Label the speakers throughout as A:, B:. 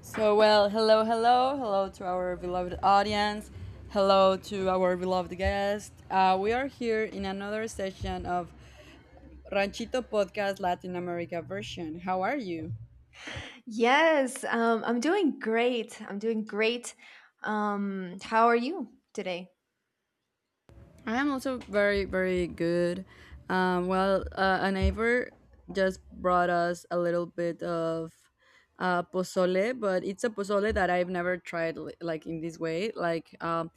A: So, well, hello, hello, hello to our beloved audience. Hello to our beloved guest. We are here in another session of Ranchito Podcast Latin America version. How are you?
B: Yes, I'm doing great. I'm doing great. How are you today?
A: I am also very, very good. Well, a neighbor just brought us a little bit of pozole, but it's a pozole that I've never tried like in this way. Like,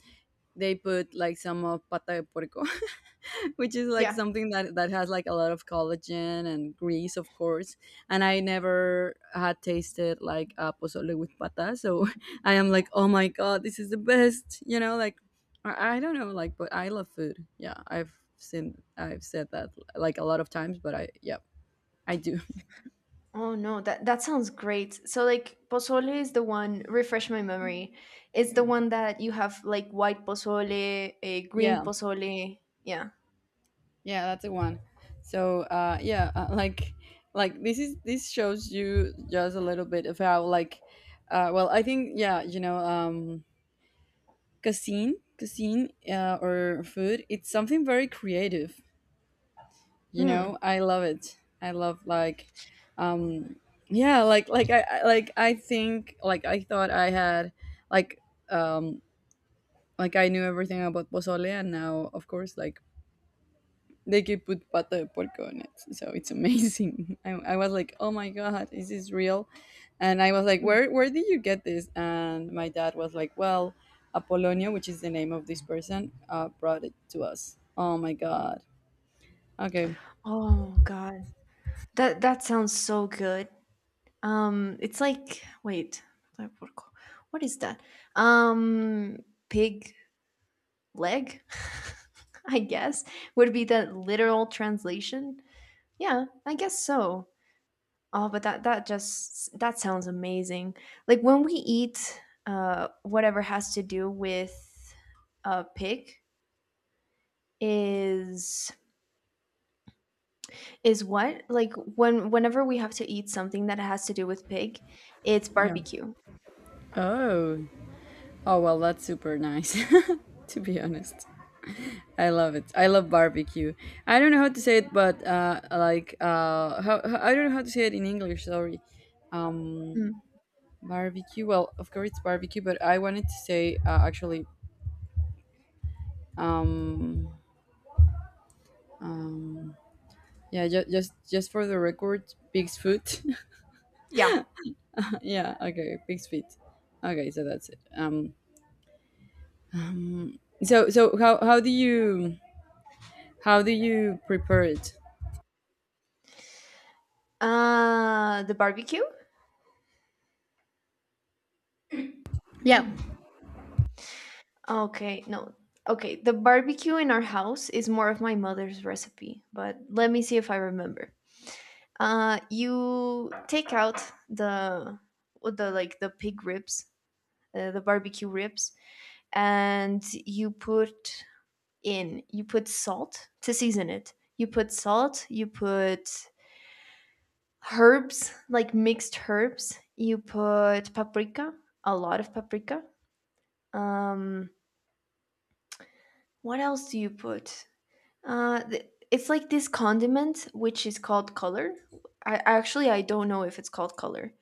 A: they put like some of pata de porco, which is like
B: Yeah.
A: something that has like a lot of collagen and grease, of course. And I never had tasted like a pozole with pata, so I am like, oh my god, this is the best, you know? Like, I don't know, like, but I love food. Yeah, I've said that like a lot of times, but I, yeah, I do.
B: Oh no, that sounds great. So like pozole is the one, refresh my memory. It's the one that you have like white pozole, a green
A: Yeah.
B: pozole. Yeah.
A: Yeah, that's the one. So, yeah, like, this shows you just a little bit of how, like, well, I think, yeah, you know, cuisine, or food, it's something very creative. You
B: Hmm.
A: know, I love it. I love like, um, yeah, like, like I think, like I thought I had, like, um, like I knew everything about pozole, and now, of course, like they could put pata de porco on it. So it's amazing. I was like, oh my god, is this real? And I was like,
B: Hmm.
A: where did you get this? And my dad was like, well, Apollonia, which is the name of this person, brought it to us. Oh my god. Okay.
B: Oh God. That sounds so good. It's like wait, what is that? Um, pig leg, I guess, would be the literal translation. Yeah, I guess so. Oh, but that sounds amazing. Like when we eat whatever has to do with a pig is is what? Like whenever we have to eat something that has to do with pig, it's
A: Yeah.
B: barbecue.
A: Oh. Oh well, that's super nice. to be honest. I love it. I love barbecue. I don't know how to say it, but like I don't know how to say it in English. Sorry. Um,
B: Mm.
A: Barbecue. Well, of course it's barbecue, but I wanted to say actually, um, um, yeah, just for the record, pig's foot.
B: Yeah.
A: yeah. Okay, pig's feet. Okay, so that's it. So how do you how do you prepare it?
B: The barbecue.
A: Yeah.
B: Okay, no. Okay, the barbecue in our house is more of my mother's recipe, but let me see if I remember. You take out the the pig ribs, the barbecue ribs, and you put in you put salt to season it. You put salt, you put herbs, like mixed herbs. You put paprika, a lot of paprika. Um, what else do you put? It's like this condiment which is called color. I don't know if it's called color,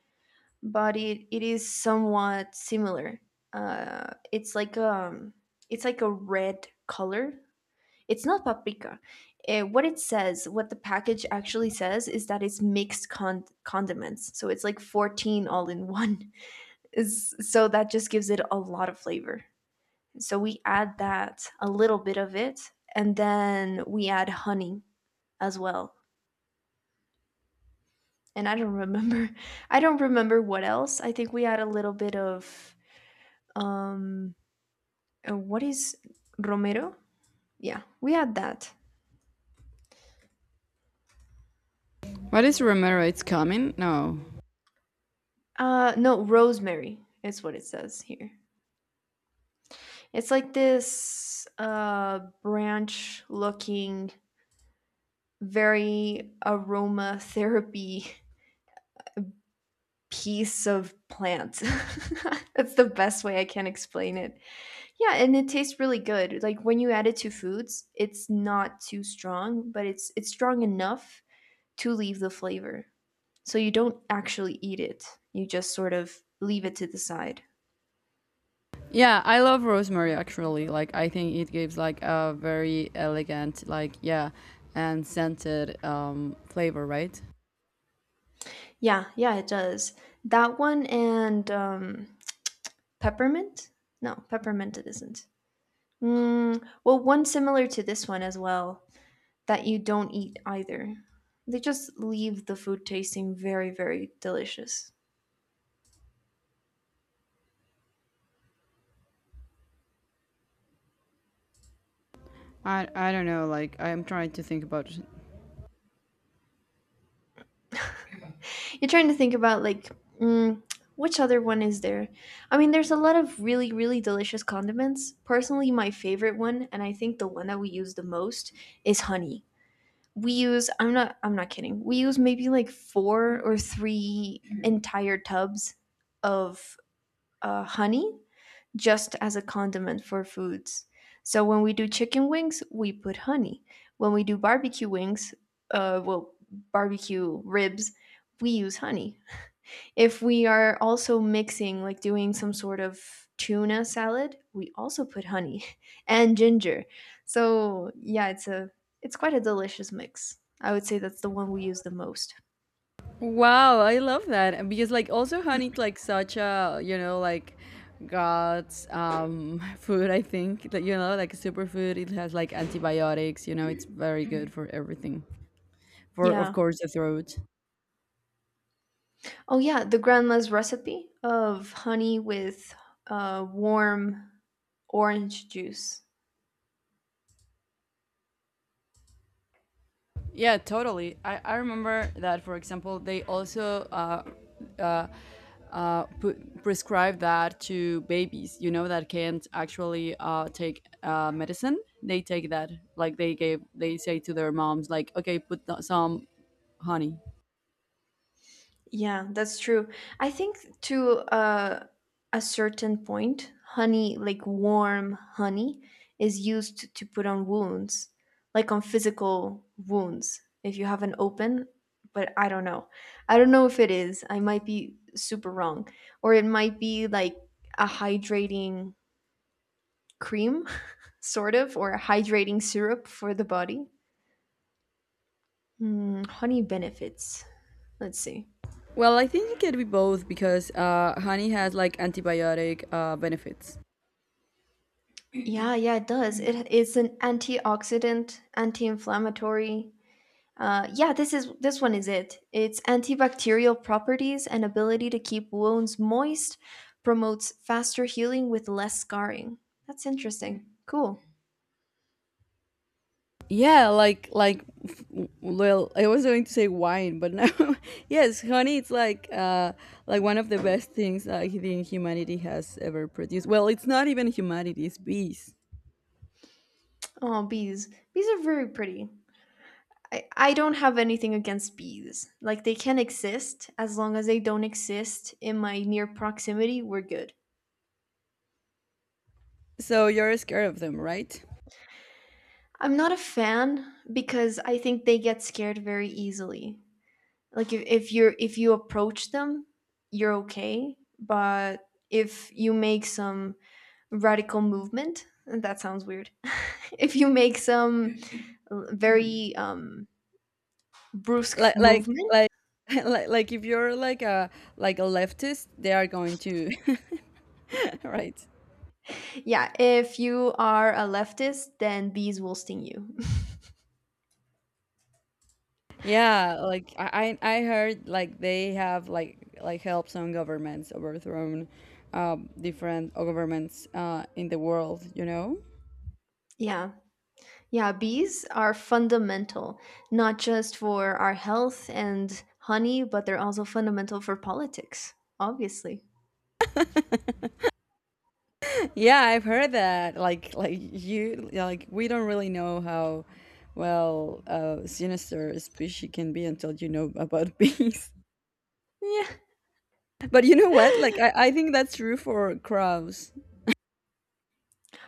B: but it is somewhat similar. It's like it's like a red color. It's not paprika. What it says, what the package actually says, is that it's mixed condiments. So it's like 14 all in one. Is so that just gives it a lot of flavor. So we add that a little bit of it, and then we add honey as well. And I don't remember. I don't remember what else. I think we had a little bit of um what is romero? Yeah, we had that.
A: What is romero? It's coming? No.
B: No, rosemary is what it says here. It's like this branch looking very aromatherapy piece of plant. That's the best way I can explain it. Yeah, and it tastes really good. Like when you add it to foods, it's not too strong, but it's strong enough to leave the flavor. So you don't actually eat it. You just sort of leave it to the side.
A: Yeah, I love rosemary actually. Like I think it gives like a very elegant, like yeah, and scented flavor, right?
B: Yeah, yeah, it does. That one and peppermint? No, peppermint it isn't. Mm, well, one similar to this one as well that you don't eat either. They just leave the food tasting very, very delicious.
A: I don't know. Like I'm trying to think about it.
B: You're trying to think about like mm, which other one is there? I mean, there's a lot of really really delicious condiments. Personally, my favorite one, and I think the one that we use the most, is honey. We use I'm not kidding. We use maybe like four or three entire tubs of honey just as a condiment for foods. So when we do chicken wings, we put honey. When we do barbecue wings, uh, well, barbecue ribs, we use honey if we are also mixing, like doing some sort of tuna salad, we also put honey and ginger. So yeah, it's quite a delicious mix. I would say that's the one we use the most.
A: Wow, I love that because like also honey, like such a, you know, like God's food, I think, that, you know, like superfood, it has like antibiotics, you know, it's very good for everything, for, of
B: Yeah.
A: course, the throat.
B: Oh yeah, the grandma's recipe of honey with warm orange juice.
A: Yeah, totally. I remember that, for example, they also uh, prescribe that to babies, you know, that can't actually take medicine. They take that, like they gave, they say to their moms, like, okay, put some honey.
B: Yeah, that's true. I think to a certain point, honey, like warm honey, is used to put on wounds, like on physical wounds, if you have an open. But I don't know. I don't know if it is. I might be super wrong. Or it might be like a hydrating cream, sort of, or a hydrating syrup for the body. Hmm, honey benefits. Let's see.
A: Well, I think it could be both because honey has like antibiotic benefits.
B: Yeah, yeah, it does. It's an antioxidant, anti-inflammatory. Yeah, this one is it. Its antibacterial properties and ability to keep wounds moist promotes faster healing with less scarring. That's interesting. Cool.
A: Yeah, like well, I was going to say wine, but now yes, honey, it's like one of the best things I think humanity has ever produced. Well, it's not even humanity, it's bees.
B: Oh, bees. Bees are very pretty. I don't have anything against bees. Like they can exist as long as they don't exist in my near proximity, we're good.
A: So you're scared of them, right?
B: I'm not a fan because I think they get scared very easily. Like if you approach them you're okay but if you make some radical movement that sounds weird. If you make some very brusque
A: Like like
B: movement.
A: like if you're like a leftist, they are going to right.
B: Yeah, if you are a leftist then bees will sting you.
A: Yeah, like I heard like they have helped some governments overthrown different governments in the world, you know?
B: Yeah, yeah, bees are fundamental, not just for our health and honey but they're also fundamental for politics, obviously.
A: Yeah, I've heard that. Like you like we don't really know how well sinister a species can be until you know about bees.
B: Yeah.
A: But you know what? Like I think that's true for crows.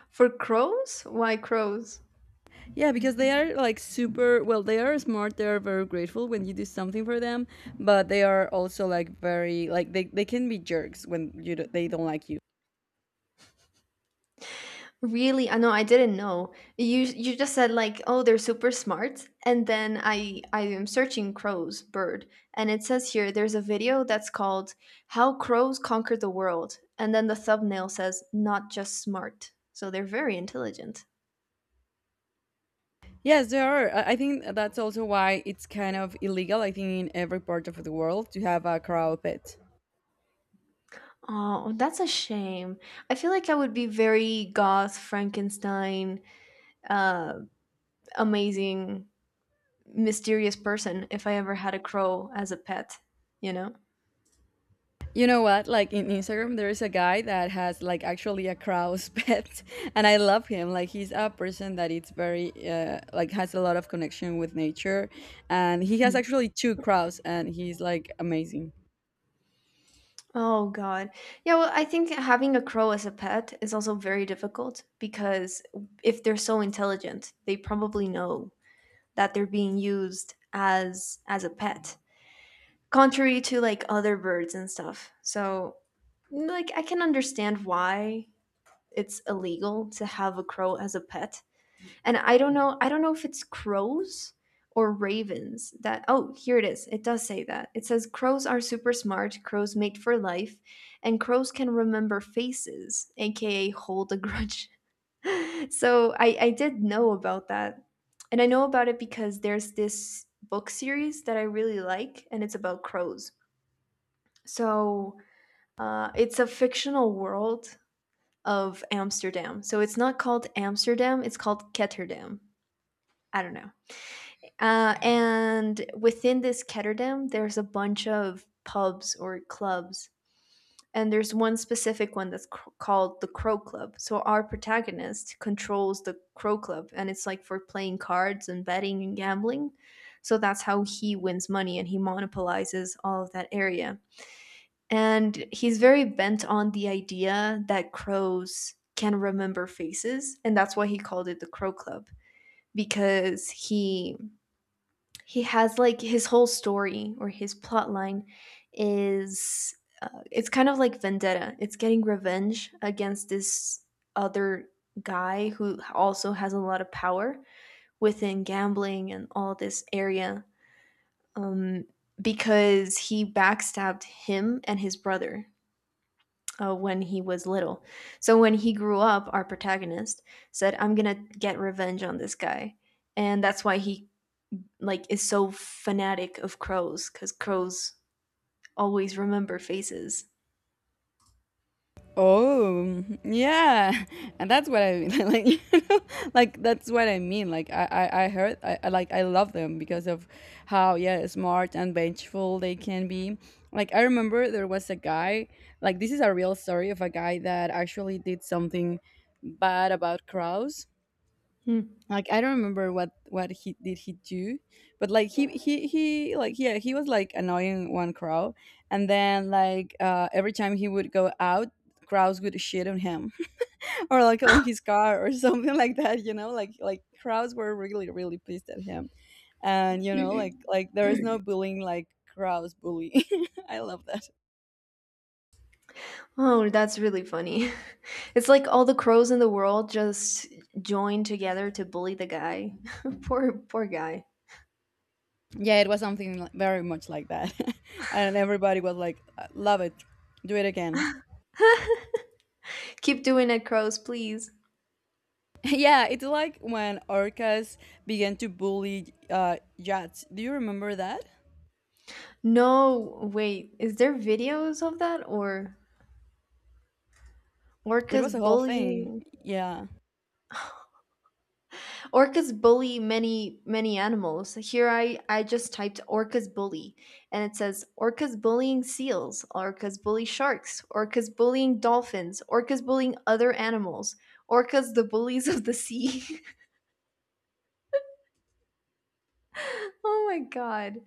B: For crows? Why crows?
A: Yeah, because they are like super well, they are smart, they are very grateful when you do something for them, but they are also like very like they can be jerks when you do, they don't like you.
B: Really? I know I didn't know. You just said like, "Oh, they're super smart." And then I am searching crows bird, and it says here there's a video that's called How Crows Conquered the World, and then the thumbnail says not just smart. So they're very intelligent.
A: Yes, there are. I think that's also why it's kind of illegal I think in every part of the world to have a cow pet.
B: Oh, that's a shame. I feel like I would be very goth, Frankenstein, uh amazing, mysterious person if I ever had a crow as a pet, you know?
A: You know what? Like in Instagram, there is a guy that has like actually a crow's pet, and I love him. Like he's a person that it's very like has a lot of connection with nature, and he has
B: Mm.
A: actually two crows, and he's like amazing.
B: Oh God. Yeah, well, I think having a crow as a pet is also very difficult because if they're so intelligent, they probably know that they're being used as a pet, contrary to like other birds and stuff. So, like I can understand why it's illegal to have a crow as a pet and I don't know. I don't know if it's crows or ravens that. Oh, here it is. It does say that. It says crows are super smart. Crows mate for life, and crows can remember faces, aka hold a grudge. So I did know about that, and I know about it because there's this book series that I really like, and it's about crows. So it's a fictional world of Amsterdam. So it's not called Amsterdam. It's called Ketterdam. I don't know. And within this ketterdam, there's a bunch of pubs or clubs. And there's one specific one that's called the Crow Club. So our protagonist controls the Crow Club, and it's like for playing cards and betting and gambling. So that's how he wins money and he monopolizes all of that area. And he's very bent on the idea that crows can remember faces. And that's why he called it the Crow Club, because he has like his whole story or his plot line is it's kind of like vendetta, it's getting revenge against this other guy who also has a lot of power within gambling and all this area, um, because he backstabbed him and his brother when he was little. So when he grew up our protagonist said I'm gonna get revenge on this guy and that's why he like is so fanatic of crows because crows always remember faces.
A: Oh, yeah, and that's what I mean. like, know, like that's what I mean. Like, I heard, I like, I love them because of how, yeah, smart and vengeful they can be. Like, I remember there was a guy. Like, this is a real story of a guy that actually did something bad about crows,
B: Hmm.
A: like I don't remember what he did he do, but like he like, yeah, he was like annoying one crow, and then like every time he would go out, crowds would shit on him or like on his car or something like that, you know, like crowds were really, really pissed at him, and you know, like there is no bullying like crowds bully. I love that.
B: Oh, that's really funny. It's like all the crows in the world just join together to bully the guy. Poor poor guy.
A: Yeah, it was something like, very much like that. And everybody was like, love it, do it again."
B: Keep doing it, crows, please.
A: Yeah, it's like when orcas began to bully jets. Do you remember that?
B: No, wait. Is there videos of that or
A: It
B: orcas
A: was a whole thing.
B: bullying?
A: Yeah.
B: Orcas bully many, many animals. Here I just typed orcas bully and it says orcas bullying seals, orcas bully sharks, orcas bullying dolphins, orcas bullying other animals, orcas the bullies of the sea. Oh my god.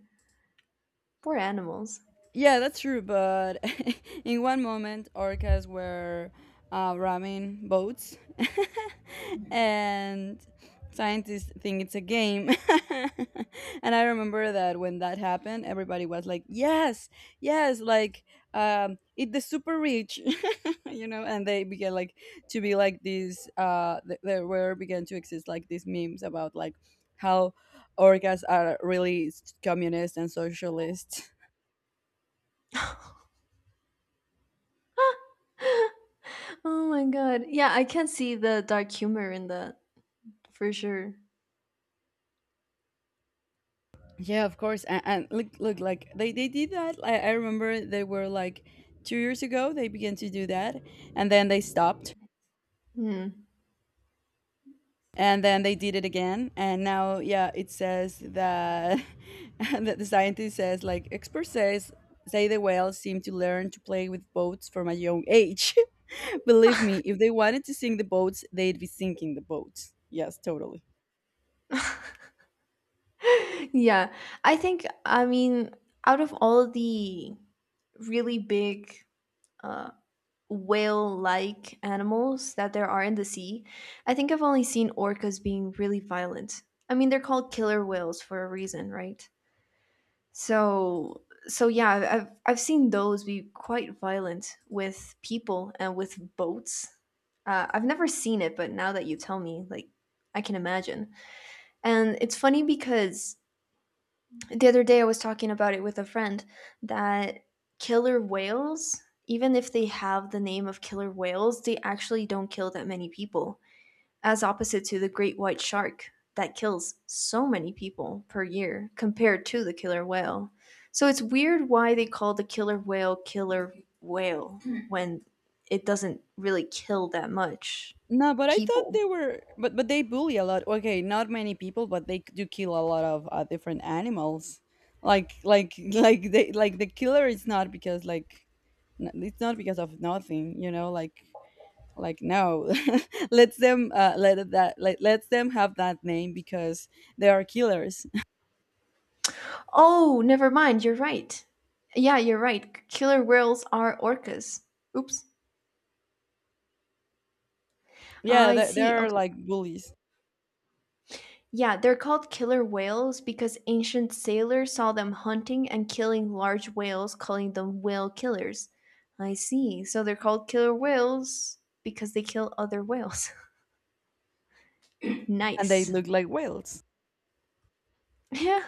B: Poor animals.
A: Yeah, that's true. But in one moment, orcas were ramming boats, and scientists think it's a game. And I remember that when that happened, everybody was like, "Yes, yes!" Like, eat the super rich. you know, and they began like to be like these th- there were began to exist like these memes about like how orcas are really communist and socialist.
B: Oh my god. Yeah, I can see the dark humor in that for sure.
A: Yeah, of course, and look look like they did that. I remember they were like 2 years ago they began to do that, and then they stopped,
B: Hmm.
A: and then they did it again, and now yeah it says that that the scientist says like experts say the whales seem to learn to play with boats from a young age. Believe me, if they wanted to sink the boats, they'd be sinking the boats. Yes, totally.
B: Yeah. I think, I mean, out of all the really big uh, whale like animals that there are in the sea, I think I've only seen orcas being really violent. I mean, they're called killer whales for a reason, right? So yeah, I've seen those be quite violent with people and with boats. I've never seen it, but now that you tell me, like, I can imagine. And it's funny because the other day I was talking about it with a friend that killer whales, even if they have the name of killer whales, they actually don't kill that many people, as opposite to the great white shark that kills so many people per year compared to the killer whale. So it's weird why they call the killer whale when it doesn't really kill that much
A: No, but I thought
B: people.
A: they were, but they bully a lot. Okay, not many people, but they do kill a lot of different animals. Like they like the killer is not because like it's not because of nothing, you know. Like no, let them let that like lets them have that name because they are killers.
B: Oh, never mind, you're right. Yeah, you're right. Killer whales are orcas. Oops.
A: yeah,
B: I
A: they
B: see.
A: are
B: Okay.
A: like bullies
B: Yeah, they're called killer whales because ancient sailors saw them hunting and killing large whales, calling them whale killers. I see. So they're called killer whales because they kill other whales.
A: and they
B: Nice.
A: look like whales.
B: Yeah.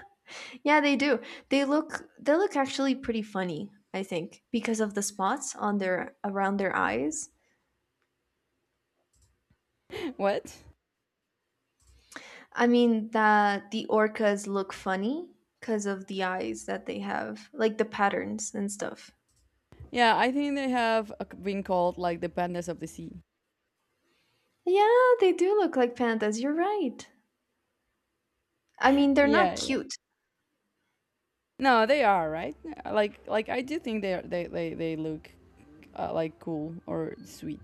B: Yeah, they do. They look actually pretty funny, I think, because of the spots on their around their eyes.
A: what?
B: I mean that the orcas look funny because of the eyes that they have, like the patterns and stuff.
A: Yeah, I think they have a been called like the pandas of the sea.
B: Yeah, they do look like pandas. You're right. I mean, they're not
A: Yeah, yeah.
B: cute.
A: No, they are right. Like I do think they are, they look like cool or sweet.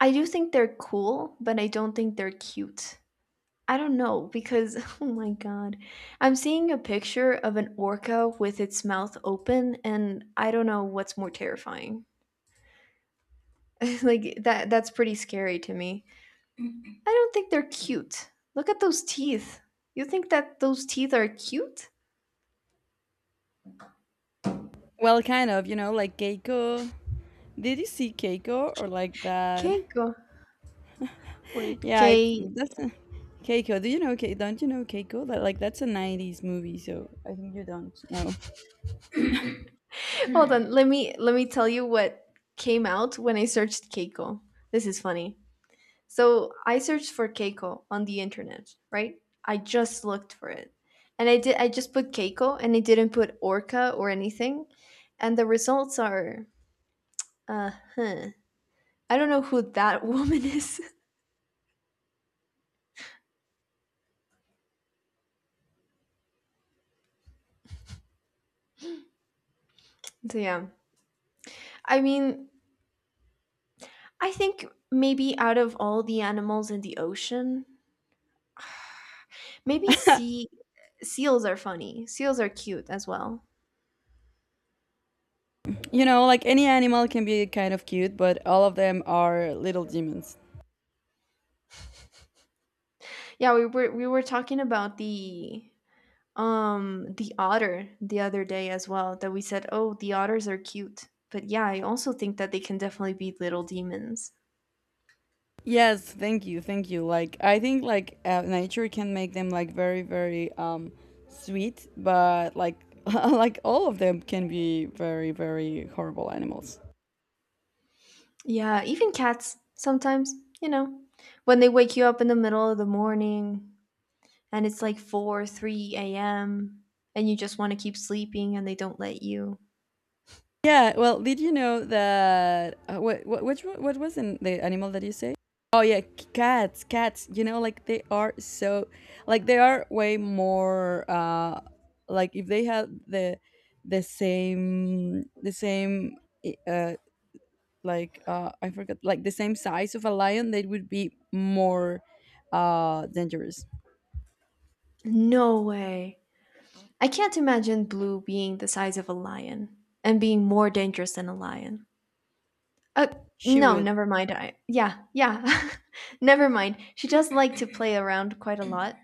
B: I do think they're cool, but I don't think they're cute. I don't know because, oh my God. I'm seeing a picture of an orca with its mouth open, and I don't know what's more terrifying. Like that's pretty scary to me. I don't think they're cute. Look at those teeth. You think that those teeth are cute?
A: Well, kind of. You know, like Keiko. Did you see Keiko or like that?
B: Keiko. Wait,
A: Yeah, it's
B: K
A: that's a, Keiko. Do you know? Don't you know Keiko? That like that's a '90s movie, so I think you don't know.
B: hold on, let me tell you what came out when I searched Keiko. This is funny. So I searched for Keiko on the internet, right? I just looked for it. And I just put Keiko and I didn't put Orca or anything. And the results are uh huh. I don't know who that woman is. So yeah. I mean, I think maybe out of all the animals in the ocean, maybe seals are funny. Seals are cute as well.
A: You know, like any animal can be kind of cute, but all of them are little demons.
B: Yeah, we were talking about the otter the other day as well that we said, "Oh, the otters are cute." But yeah, I also think that they can definitely be little demons.
A: Yes, thank you, thank you. Like I think like nature can make them like very, very sweet, but like like all of them can be very, very horrible animals.
B: Yeah, even cats sometimes, you know, when they wake you up in the middle of the morning and it's like 4, 3 a.m. and you just want to keep sleeping and they don't let you.
A: Yeah, well, did you know that what which what was in the animal that you say? Oh yeah, cats, cats. You know, like they are so, like they are way more. Like if they had the same i- uh like I forgot, like the same size of a lion, they would be more dangerous.
B: No way. I can't imagine Blue being the size of a lion and being more dangerous than a lion. Uh,
A: She
B: no,
A: would.
B: never mind. I Yeah, yeah. Never mind. She does like to play around quite a lot,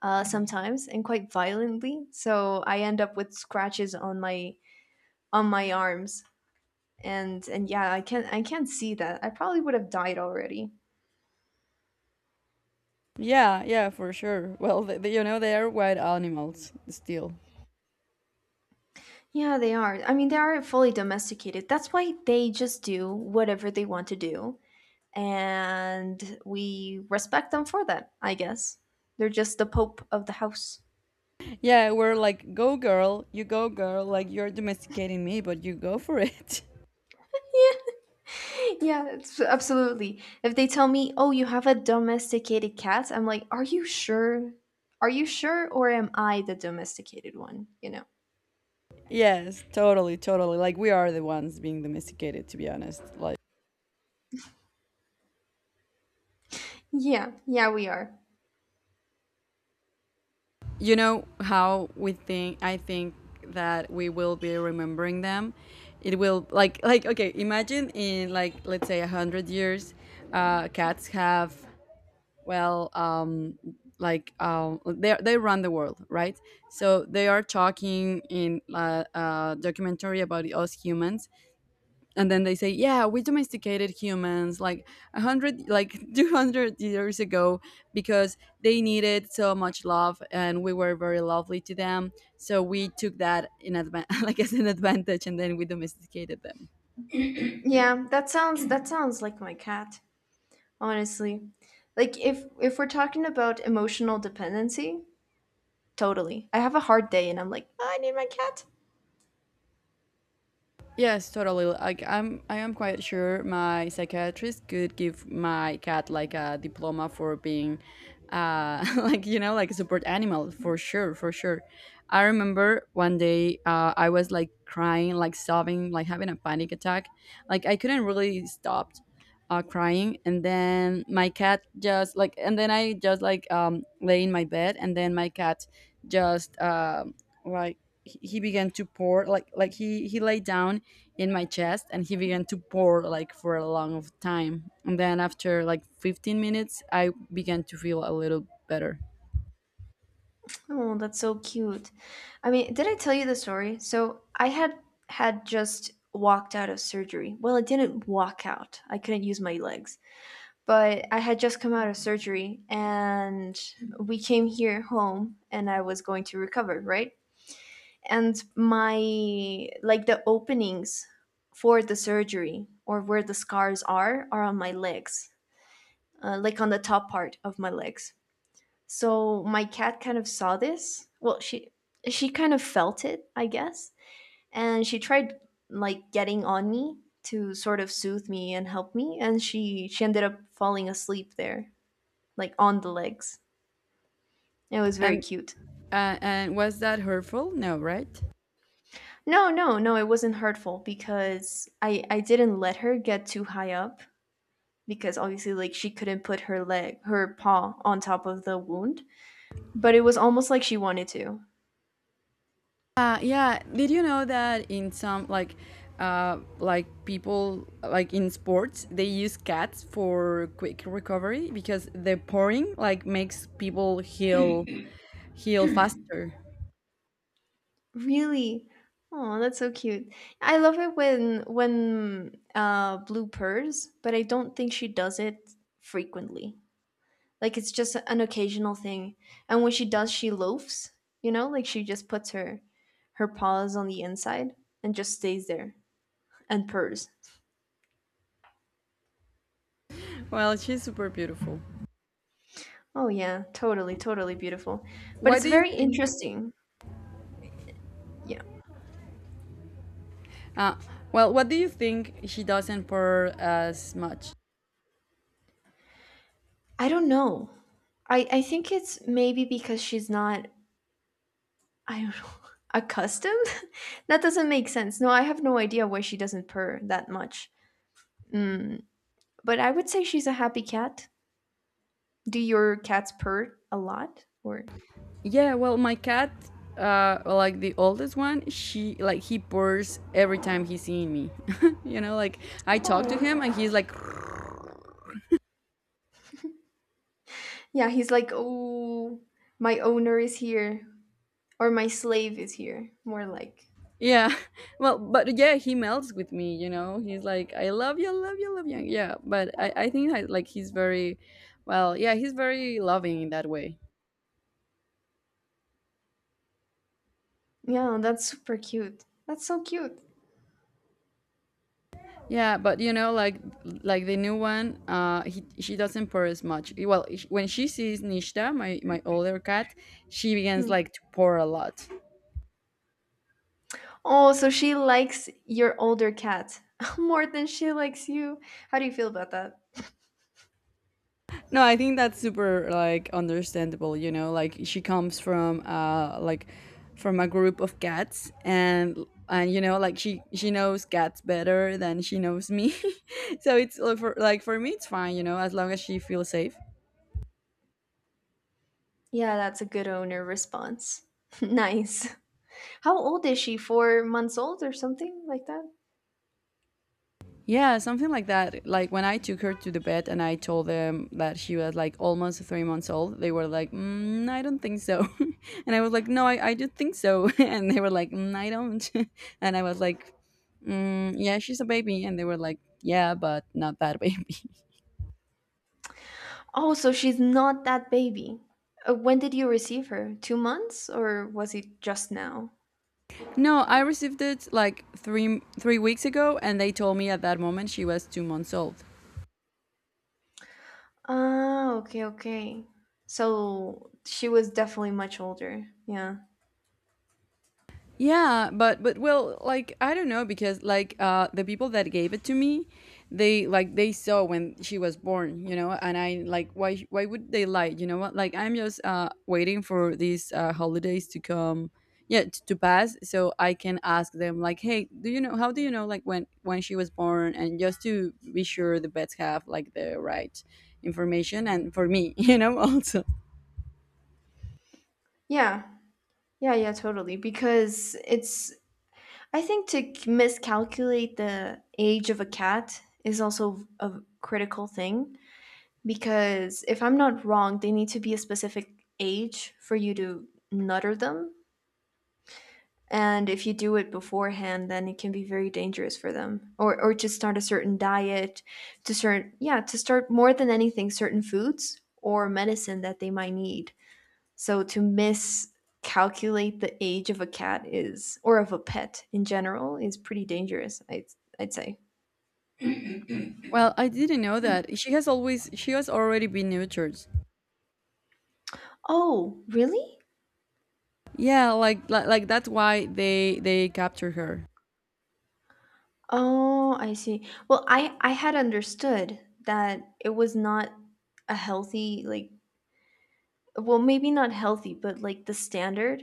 B: sometimes and quite violently. So I end up with scratches on my arms. And yeah, I can't see that. I probably would have died already.
A: Yeah, yeah, for sure. Well, you know, they are wild animals still.
B: Yeah, they are. I mean, they are fully domesticated. That's why they just do whatever they want to do, and we respect them for that, I guess. They're just the pope of the house.
A: Yeah, we're like, go girl, you go girl, like you're domesticating me, but you go for it.
B: Yeah, it's absolutely. If they tell me, "Oh, you have a domesticated cat," I'm like, "Are you sure? Are you sure, or am I the domesticated one?" You know?
A: yes, totally, totally. Like we are the ones being domesticated, to be honest. Like.
B: Yeah, yeah, we are.
A: You know how we think, I think that we will be remembering them, it will like, okay, imagine in like, let's say, a 100 years, cats have, well, they run the world, right? So they are talking in a documentary about us humans, and then they say, yeah, we domesticated humans like 100, like 200 years ago, because they needed so much love, and we were very lovely to them, so we took that in advan like as an advantage, and then we domesticated them.
B: Yeah, that sounds like my cat. Honestly, like if we're talking about emotional dependency, totally. I have a hard day, and I'm like, "Oh, I need my cat."
A: Yes, totally. Like I am quite sure my psychiatrist could give my cat like a diploma for being like you know like a support animal for sure, for sure. I remember one day I was like crying, like sobbing, like having a panic attack. Like I couldn't really stop crying, and then my cat just like, and then I just like lay in my bed, and then my cat just like he began to pour like he lay down in my chest and he began to pour like for a long of time and then after like 15 minutes I began to feel a little better
B: Oh, that's so cute. I mean, did I tell you the story? So I had just walked out of surgery. Well, I didn't walk out. I couldn't use my legs. But I had just come out of surgery and we came here home and I was going to recover, right? And my like the openings for the surgery or where the scars are on my legs. Like on the top part of my legs so my cat kind of saw this. Well, she kind of felt it, I guess, and she tried like getting on me to sort of soothe me and help me, and she ended up falling asleep there, like on the legs. It was very
A: and
B: cute.
A: and was that hurtful, no, right?
B: No, no, no, it wasn't hurtful because I didn't let her get too high up because obviously like she couldn't put her paw on top of the wound, but it was almost like she wanted to.
A: Yeah, did you know that in some like people like in sports they use cats for quick recovery because the pouring like makes people heal heal faster.
B: Really? Oh, that's so cute. I love it when Blue purrs, but I don't think she does it frequently. Like it's just an occasional thing. And when she does, she loafs, like she just puts her paws on the inside and just stays there and purrs.
A: Well, she's super beautiful.
B: Oh yeah, totally, totally beautiful. But
A: What
B: it's
A: do you
B: very
A: think?
B: interesting. Yeah.
A: Uh, well, what do you think she doesn't purr as much?
B: I don't know. I think it's maybe because she's not I don't know. Accustomed? That doesn't make sense. No, I have no idea why she doesn't purr that much. Mm, but I would say she's a happy cat. Do your cats purr a lot? Or,
A: Yeah, well, my cat, like the oldest one, she like he purrs every time he's seeing me. You know, like I talk to
B: oh.
A: him and he's like,
B: Yeah, he's like, oh, my owner is here. Or my slave is here. More like.
A: yeah. Well, but yeah, he melts with me. You know, he's like, I love you, love you, love you. Yeah, but I think I, like he's very, well, yeah, he's very loving in that way.
B: Yeah, that's super cute. That's so cute.
A: Yeah, but you know, like the new one, she doesn't purr as much. Well, when she sees Nishta, my older cat, she begins
B: Hmm.
A: like to purr a lot.
B: Oh, so she likes your older cat more than she likes you. How do you feel about that?
A: No, I think that's super like understandable. You know, like she comes from like from a group of cats, and you know, like she knows cats better than she knows me, so it's like for me, it's fine. You know, as long as she feels safe.
B: Yeah, that's a good owner response. Nice. How old is she? 4 months old or something like that?
A: Yeah, something like that. Like when I took her to the vet and I told them that she was like almost 3 months old, they were like, mm, I don't think so. And I was like, no, I do think so. And they were like, mm, I don't. And I was like, mm, yeah, she's a baby. And they were like, yeah, but not that baby.
B: Oh, so she's not that baby. When did you receive her? 2 months or was it just now?
A: No, I received it like 3 weeks ago and they told me at that moment she was 2 months old.
B: Ah, okay, okay. So she was definitely much older. Yeah.
A: Yeah, but well, like I don't know because like the people that gave it to me, they saw when she was born, you know, and I like why would they lie? You know what? Like I'm just waiting for these holidays to come, yeah, to pass so I can ask them like, "Hey, do you know how do you know like when she was born?" And just to be sure the vets have like the right information and for me, you know, also.
B: Yeah. Yeah, yeah, totally. Because it's, I think to miscalculate the age of a cat is also a critical thing. Because if I'm not wrong, they need to be a specific age for you to nutter them. And if you do it beforehand, then it can be very dangerous for them. Or to start a certain diet, to certain yeah, to start more than anything certain foods or medicine that they might need. So to miscalculate the age of a cat is or of a pet in general is pretty dangerous. I'd say.
A: Well, I didn't know that. She has already been nurtured.
B: Oh, really?
A: Yeah, like, like that's why they capture her.
B: Oh, I see. Well, I had understood that it was not a healthy like well maybe not healthy but like the standard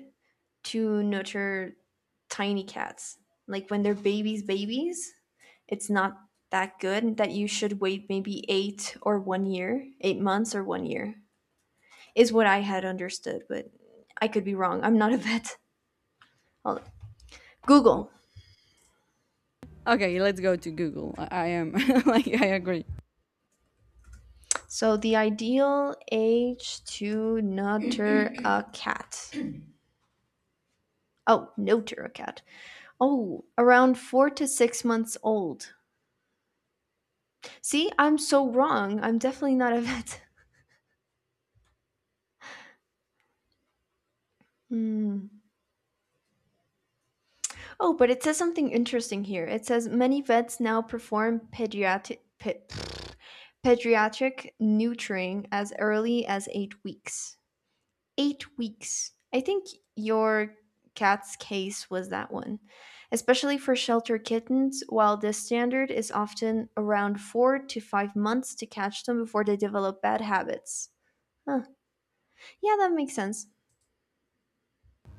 B: to nurture tiny cats. Like when they're babies, babies, it's not that good that you should wait maybe 8 or one year, 8 months or one year, is what I had understood, but I could be wrong. I'm not a vet. I'll-
A: W-
B: Google.
A: Okay, let's go to Google. I am like I agree.
B: So the ideal age to nurture a cat. Oh, nurture a cat. Oh, around 4 to 6 months old. See, I'm so wrong. I'm definitely not a vet. Hmm. Oh, but it says something interesting here. It says many vets now perform pediatric pediatric neutering as early as 8 weeks. 8 weeks. I think your cat's case was that one. Especially for shelter kittens, while this standard is often around 4 to 5 months to catch them before they develop bad habits. Huh. Yeah, that makes sense.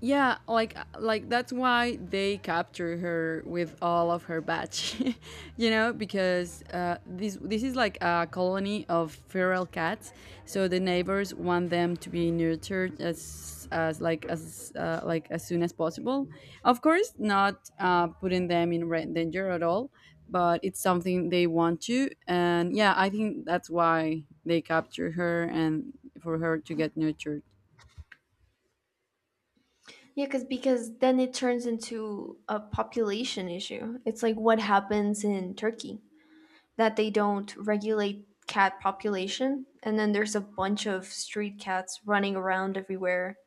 A: Yeah, like that's why they capture her with all of her batch, you know, because this is like a colony of feral cats. So the neighbors want them to be nurtured as like as soon as possible. Of course, not putting them in danger at all, but it's something they want to. And yeah, I think that's why they capture her and for her to get nurtured.
B: Yeah, cause, because then it turns into a population issue. It's like what happens in Turkey. That they don't regulate cat population and then there's a bunch of street cats running around everywhere,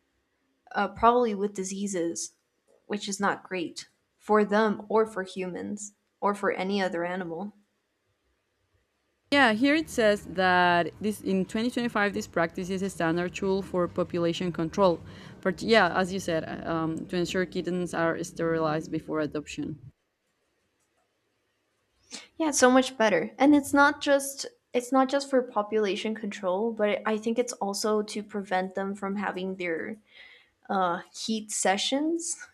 B: probably with diseases, which is not great for them or for humans or for any other animal.
A: Yeah, here it says that this in 2025, this practice is a standard tool for population control. But yeah, as you said, to ensure kittens are sterilized before adoption.
B: Yeah, it's so much better. And it's not just for population control, but I think it's also to prevent them from having their heat sessions.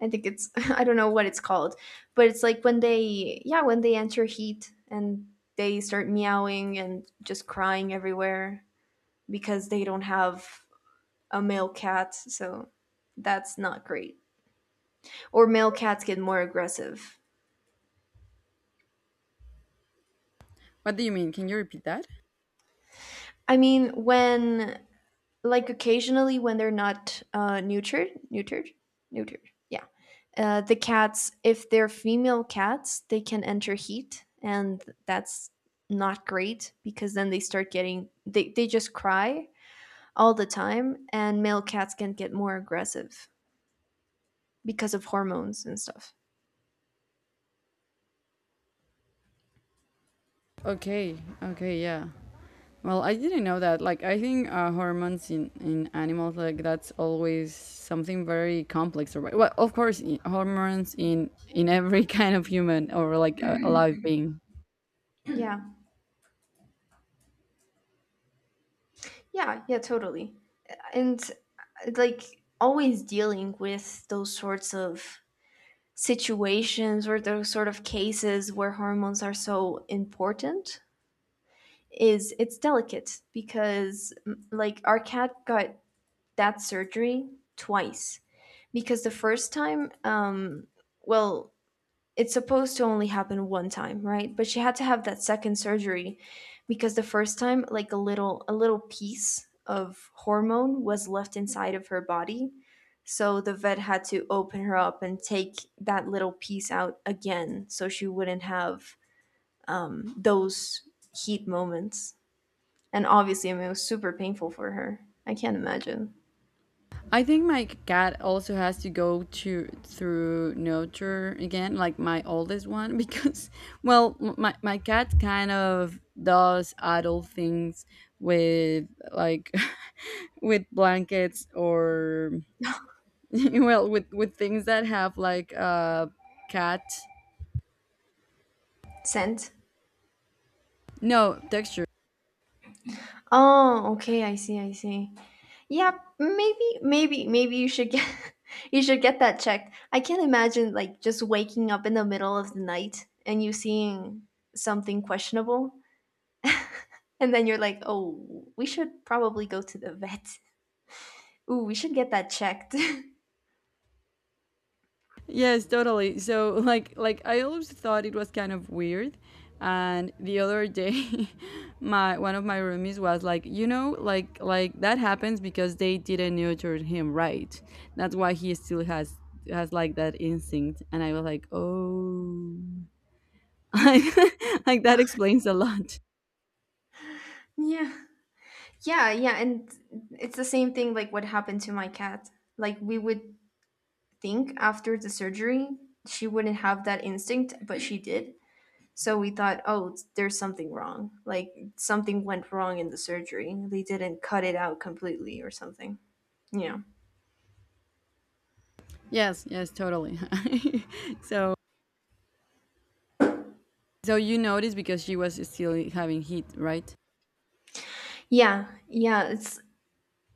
B: I think it's I don't know what it's called, but it's like when they yeah when they enter heat and they start meowing and just crying everywhere because they don't have a male cat, so that's not great. Or male cats get more aggressive.
A: What do you mean? Can you repeat that?
B: I mean, when like occasionally when they're not neutered. Yeah, the cats, if they're female cats, they can enter heat, and that's not great because then they start getting they just cry all the time, and male cats can get more aggressive because of hormones and stuff.
A: Okay, okay, yeah. Well, I didn't know that. Like, I think hormones in animals, like, that's always something very complex. Or, well, of course, hormones in every kind of human or like a live being.
B: Yeah, yeah, yeah, totally. And like always dealing with those sorts of situations or those sort of cases where hormones are so important is it's delicate because like our cat got that surgery twice because the first time well it's supposed to only happen one time, right? But she had to have that second surgery because the first time like a little piece of hormone was left inside of her body. So the vet had to open her up and take that little piece out again so she wouldn't have those heat moments. And obviously, I mean, it was super painful for her. I can't imagine.
A: I think my cat also has to go to through nurture again, like my oldest one, because well, my cat kind of does adult things with like with blankets or well with things that have like cat
B: Scent?
A: no texture.
B: Oh, okay, I see, I see. Yeah, maybe, maybe, maybe you should get you should get that checked. I can't imagine like just waking up in the middle of the night and you seeing something questionable, and then you're like, "Oh, we should probably go to the vet. Ooh, we should get that checked."
A: Yes, totally. So like I always thought it was kind of weird. And the other day my one of my roomies was like, you know, like that happens because they didn't nurture him right. That's why he still has like that instinct. And I was like, oh, like like that explains a lot.
B: Yeah, yeah, yeah, and it's the same thing like what happened to my cat. Like we would think after the surgery she wouldn't have that instinct, but she did. So we thought, oh, there's something wrong. Like something went wrong in the surgery. They didn't cut it out completely or something. Yeah.
A: Yes, yes, totally. So so you noticed because she was still having heat, right?
B: Yeah. Yeah. It's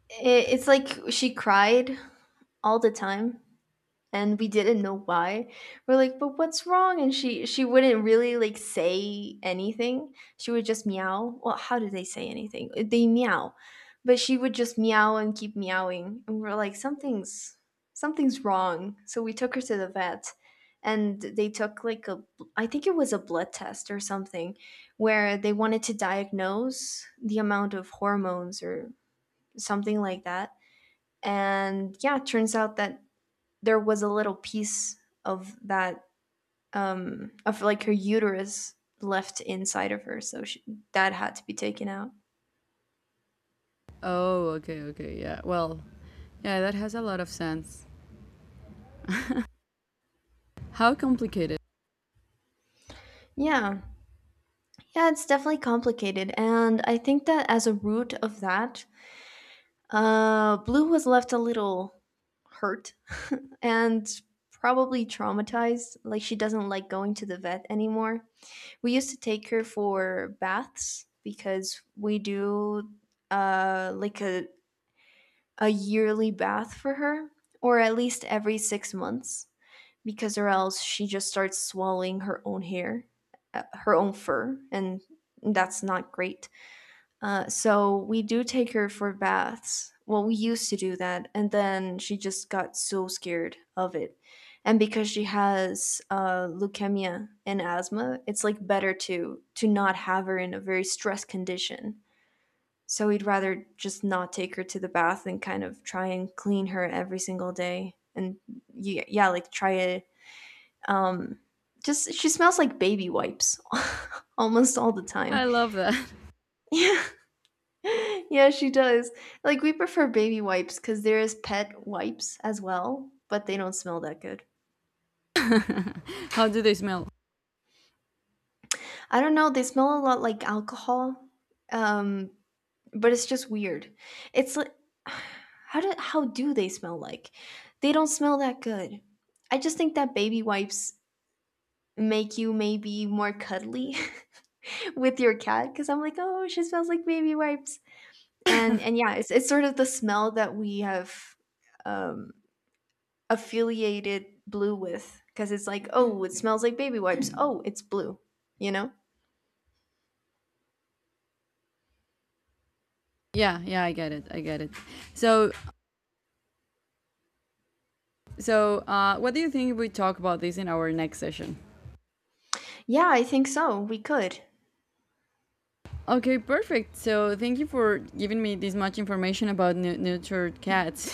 B: it, it's like she cried all the time and we didn't know why. We're like, "But what's wrong?" And she wouldn't really like say anything. She would just meow. Well, how do they say anything? They meow. But she would just meow and keep meowing. And we're like, "Something's wrong." So we took her to the vet and they took like a I think it was a blood test or something where they wanted to diagnose the amount of hormones or something like that. And yeah, it turns out that there was a little piece of that of like her uterus left inside of her so she, that had to be taken out.
A: Oh, okay, okay, yeah. Well, yeah, that has a lot of sense. How complicated.
B: Yeah, yeah, it's definitely complicated. And I think that as a root of that, Blue was left a little hurt. And probably traumatized, like she doesn't like going to the vet anymore. We used to take her for baths because we do like a yearly bath for her, or at least every 6 months, because or else she just starts swallowing her own hair, her own fur, and that's not great. So we do take her for baths. Well, we used to do that, and then she just got so scared of it. And because she has leukemia and asthma, it's like better to not have her in a very stressed condition so he'd rather just not take her to the bath and kind of try and clean her every single day. And yeah, yeah like try it. Um, just she smells like baby wipes almost all the
A: I
B: time.
A: love that.
B: Yeah. Yeah, she does. Like we prefer baby wipes cuz there is pet wipes as well, but they don't smell that good.
A: How do they smell?
B: I don't know, they smell a lot like alcohol. Um but it's just weird. It's like how do they smell like? They don't smell that good. I just think that baby wipes make you maybe more cuddly with your cat because I'm like, oh, she smells like baby wipes, and yeah, it's sort of the smell that we have um, affiliated blue with because it's like, oh, it smells like baby wipes. Oh, it's blue, you know?
A: Yeah, yeah, I get it. I get it. So, so what do you think if we talk about this in our next session?
B: Yeah, I think so. We could.
A: Okay, perfect. So, thank you for giving me this much information about neutered cats.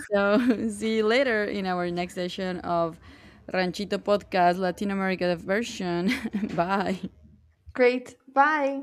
A: So, see you later in our next session of Ranchito Podcast Latin America version. Bye.
B: Great. Bye.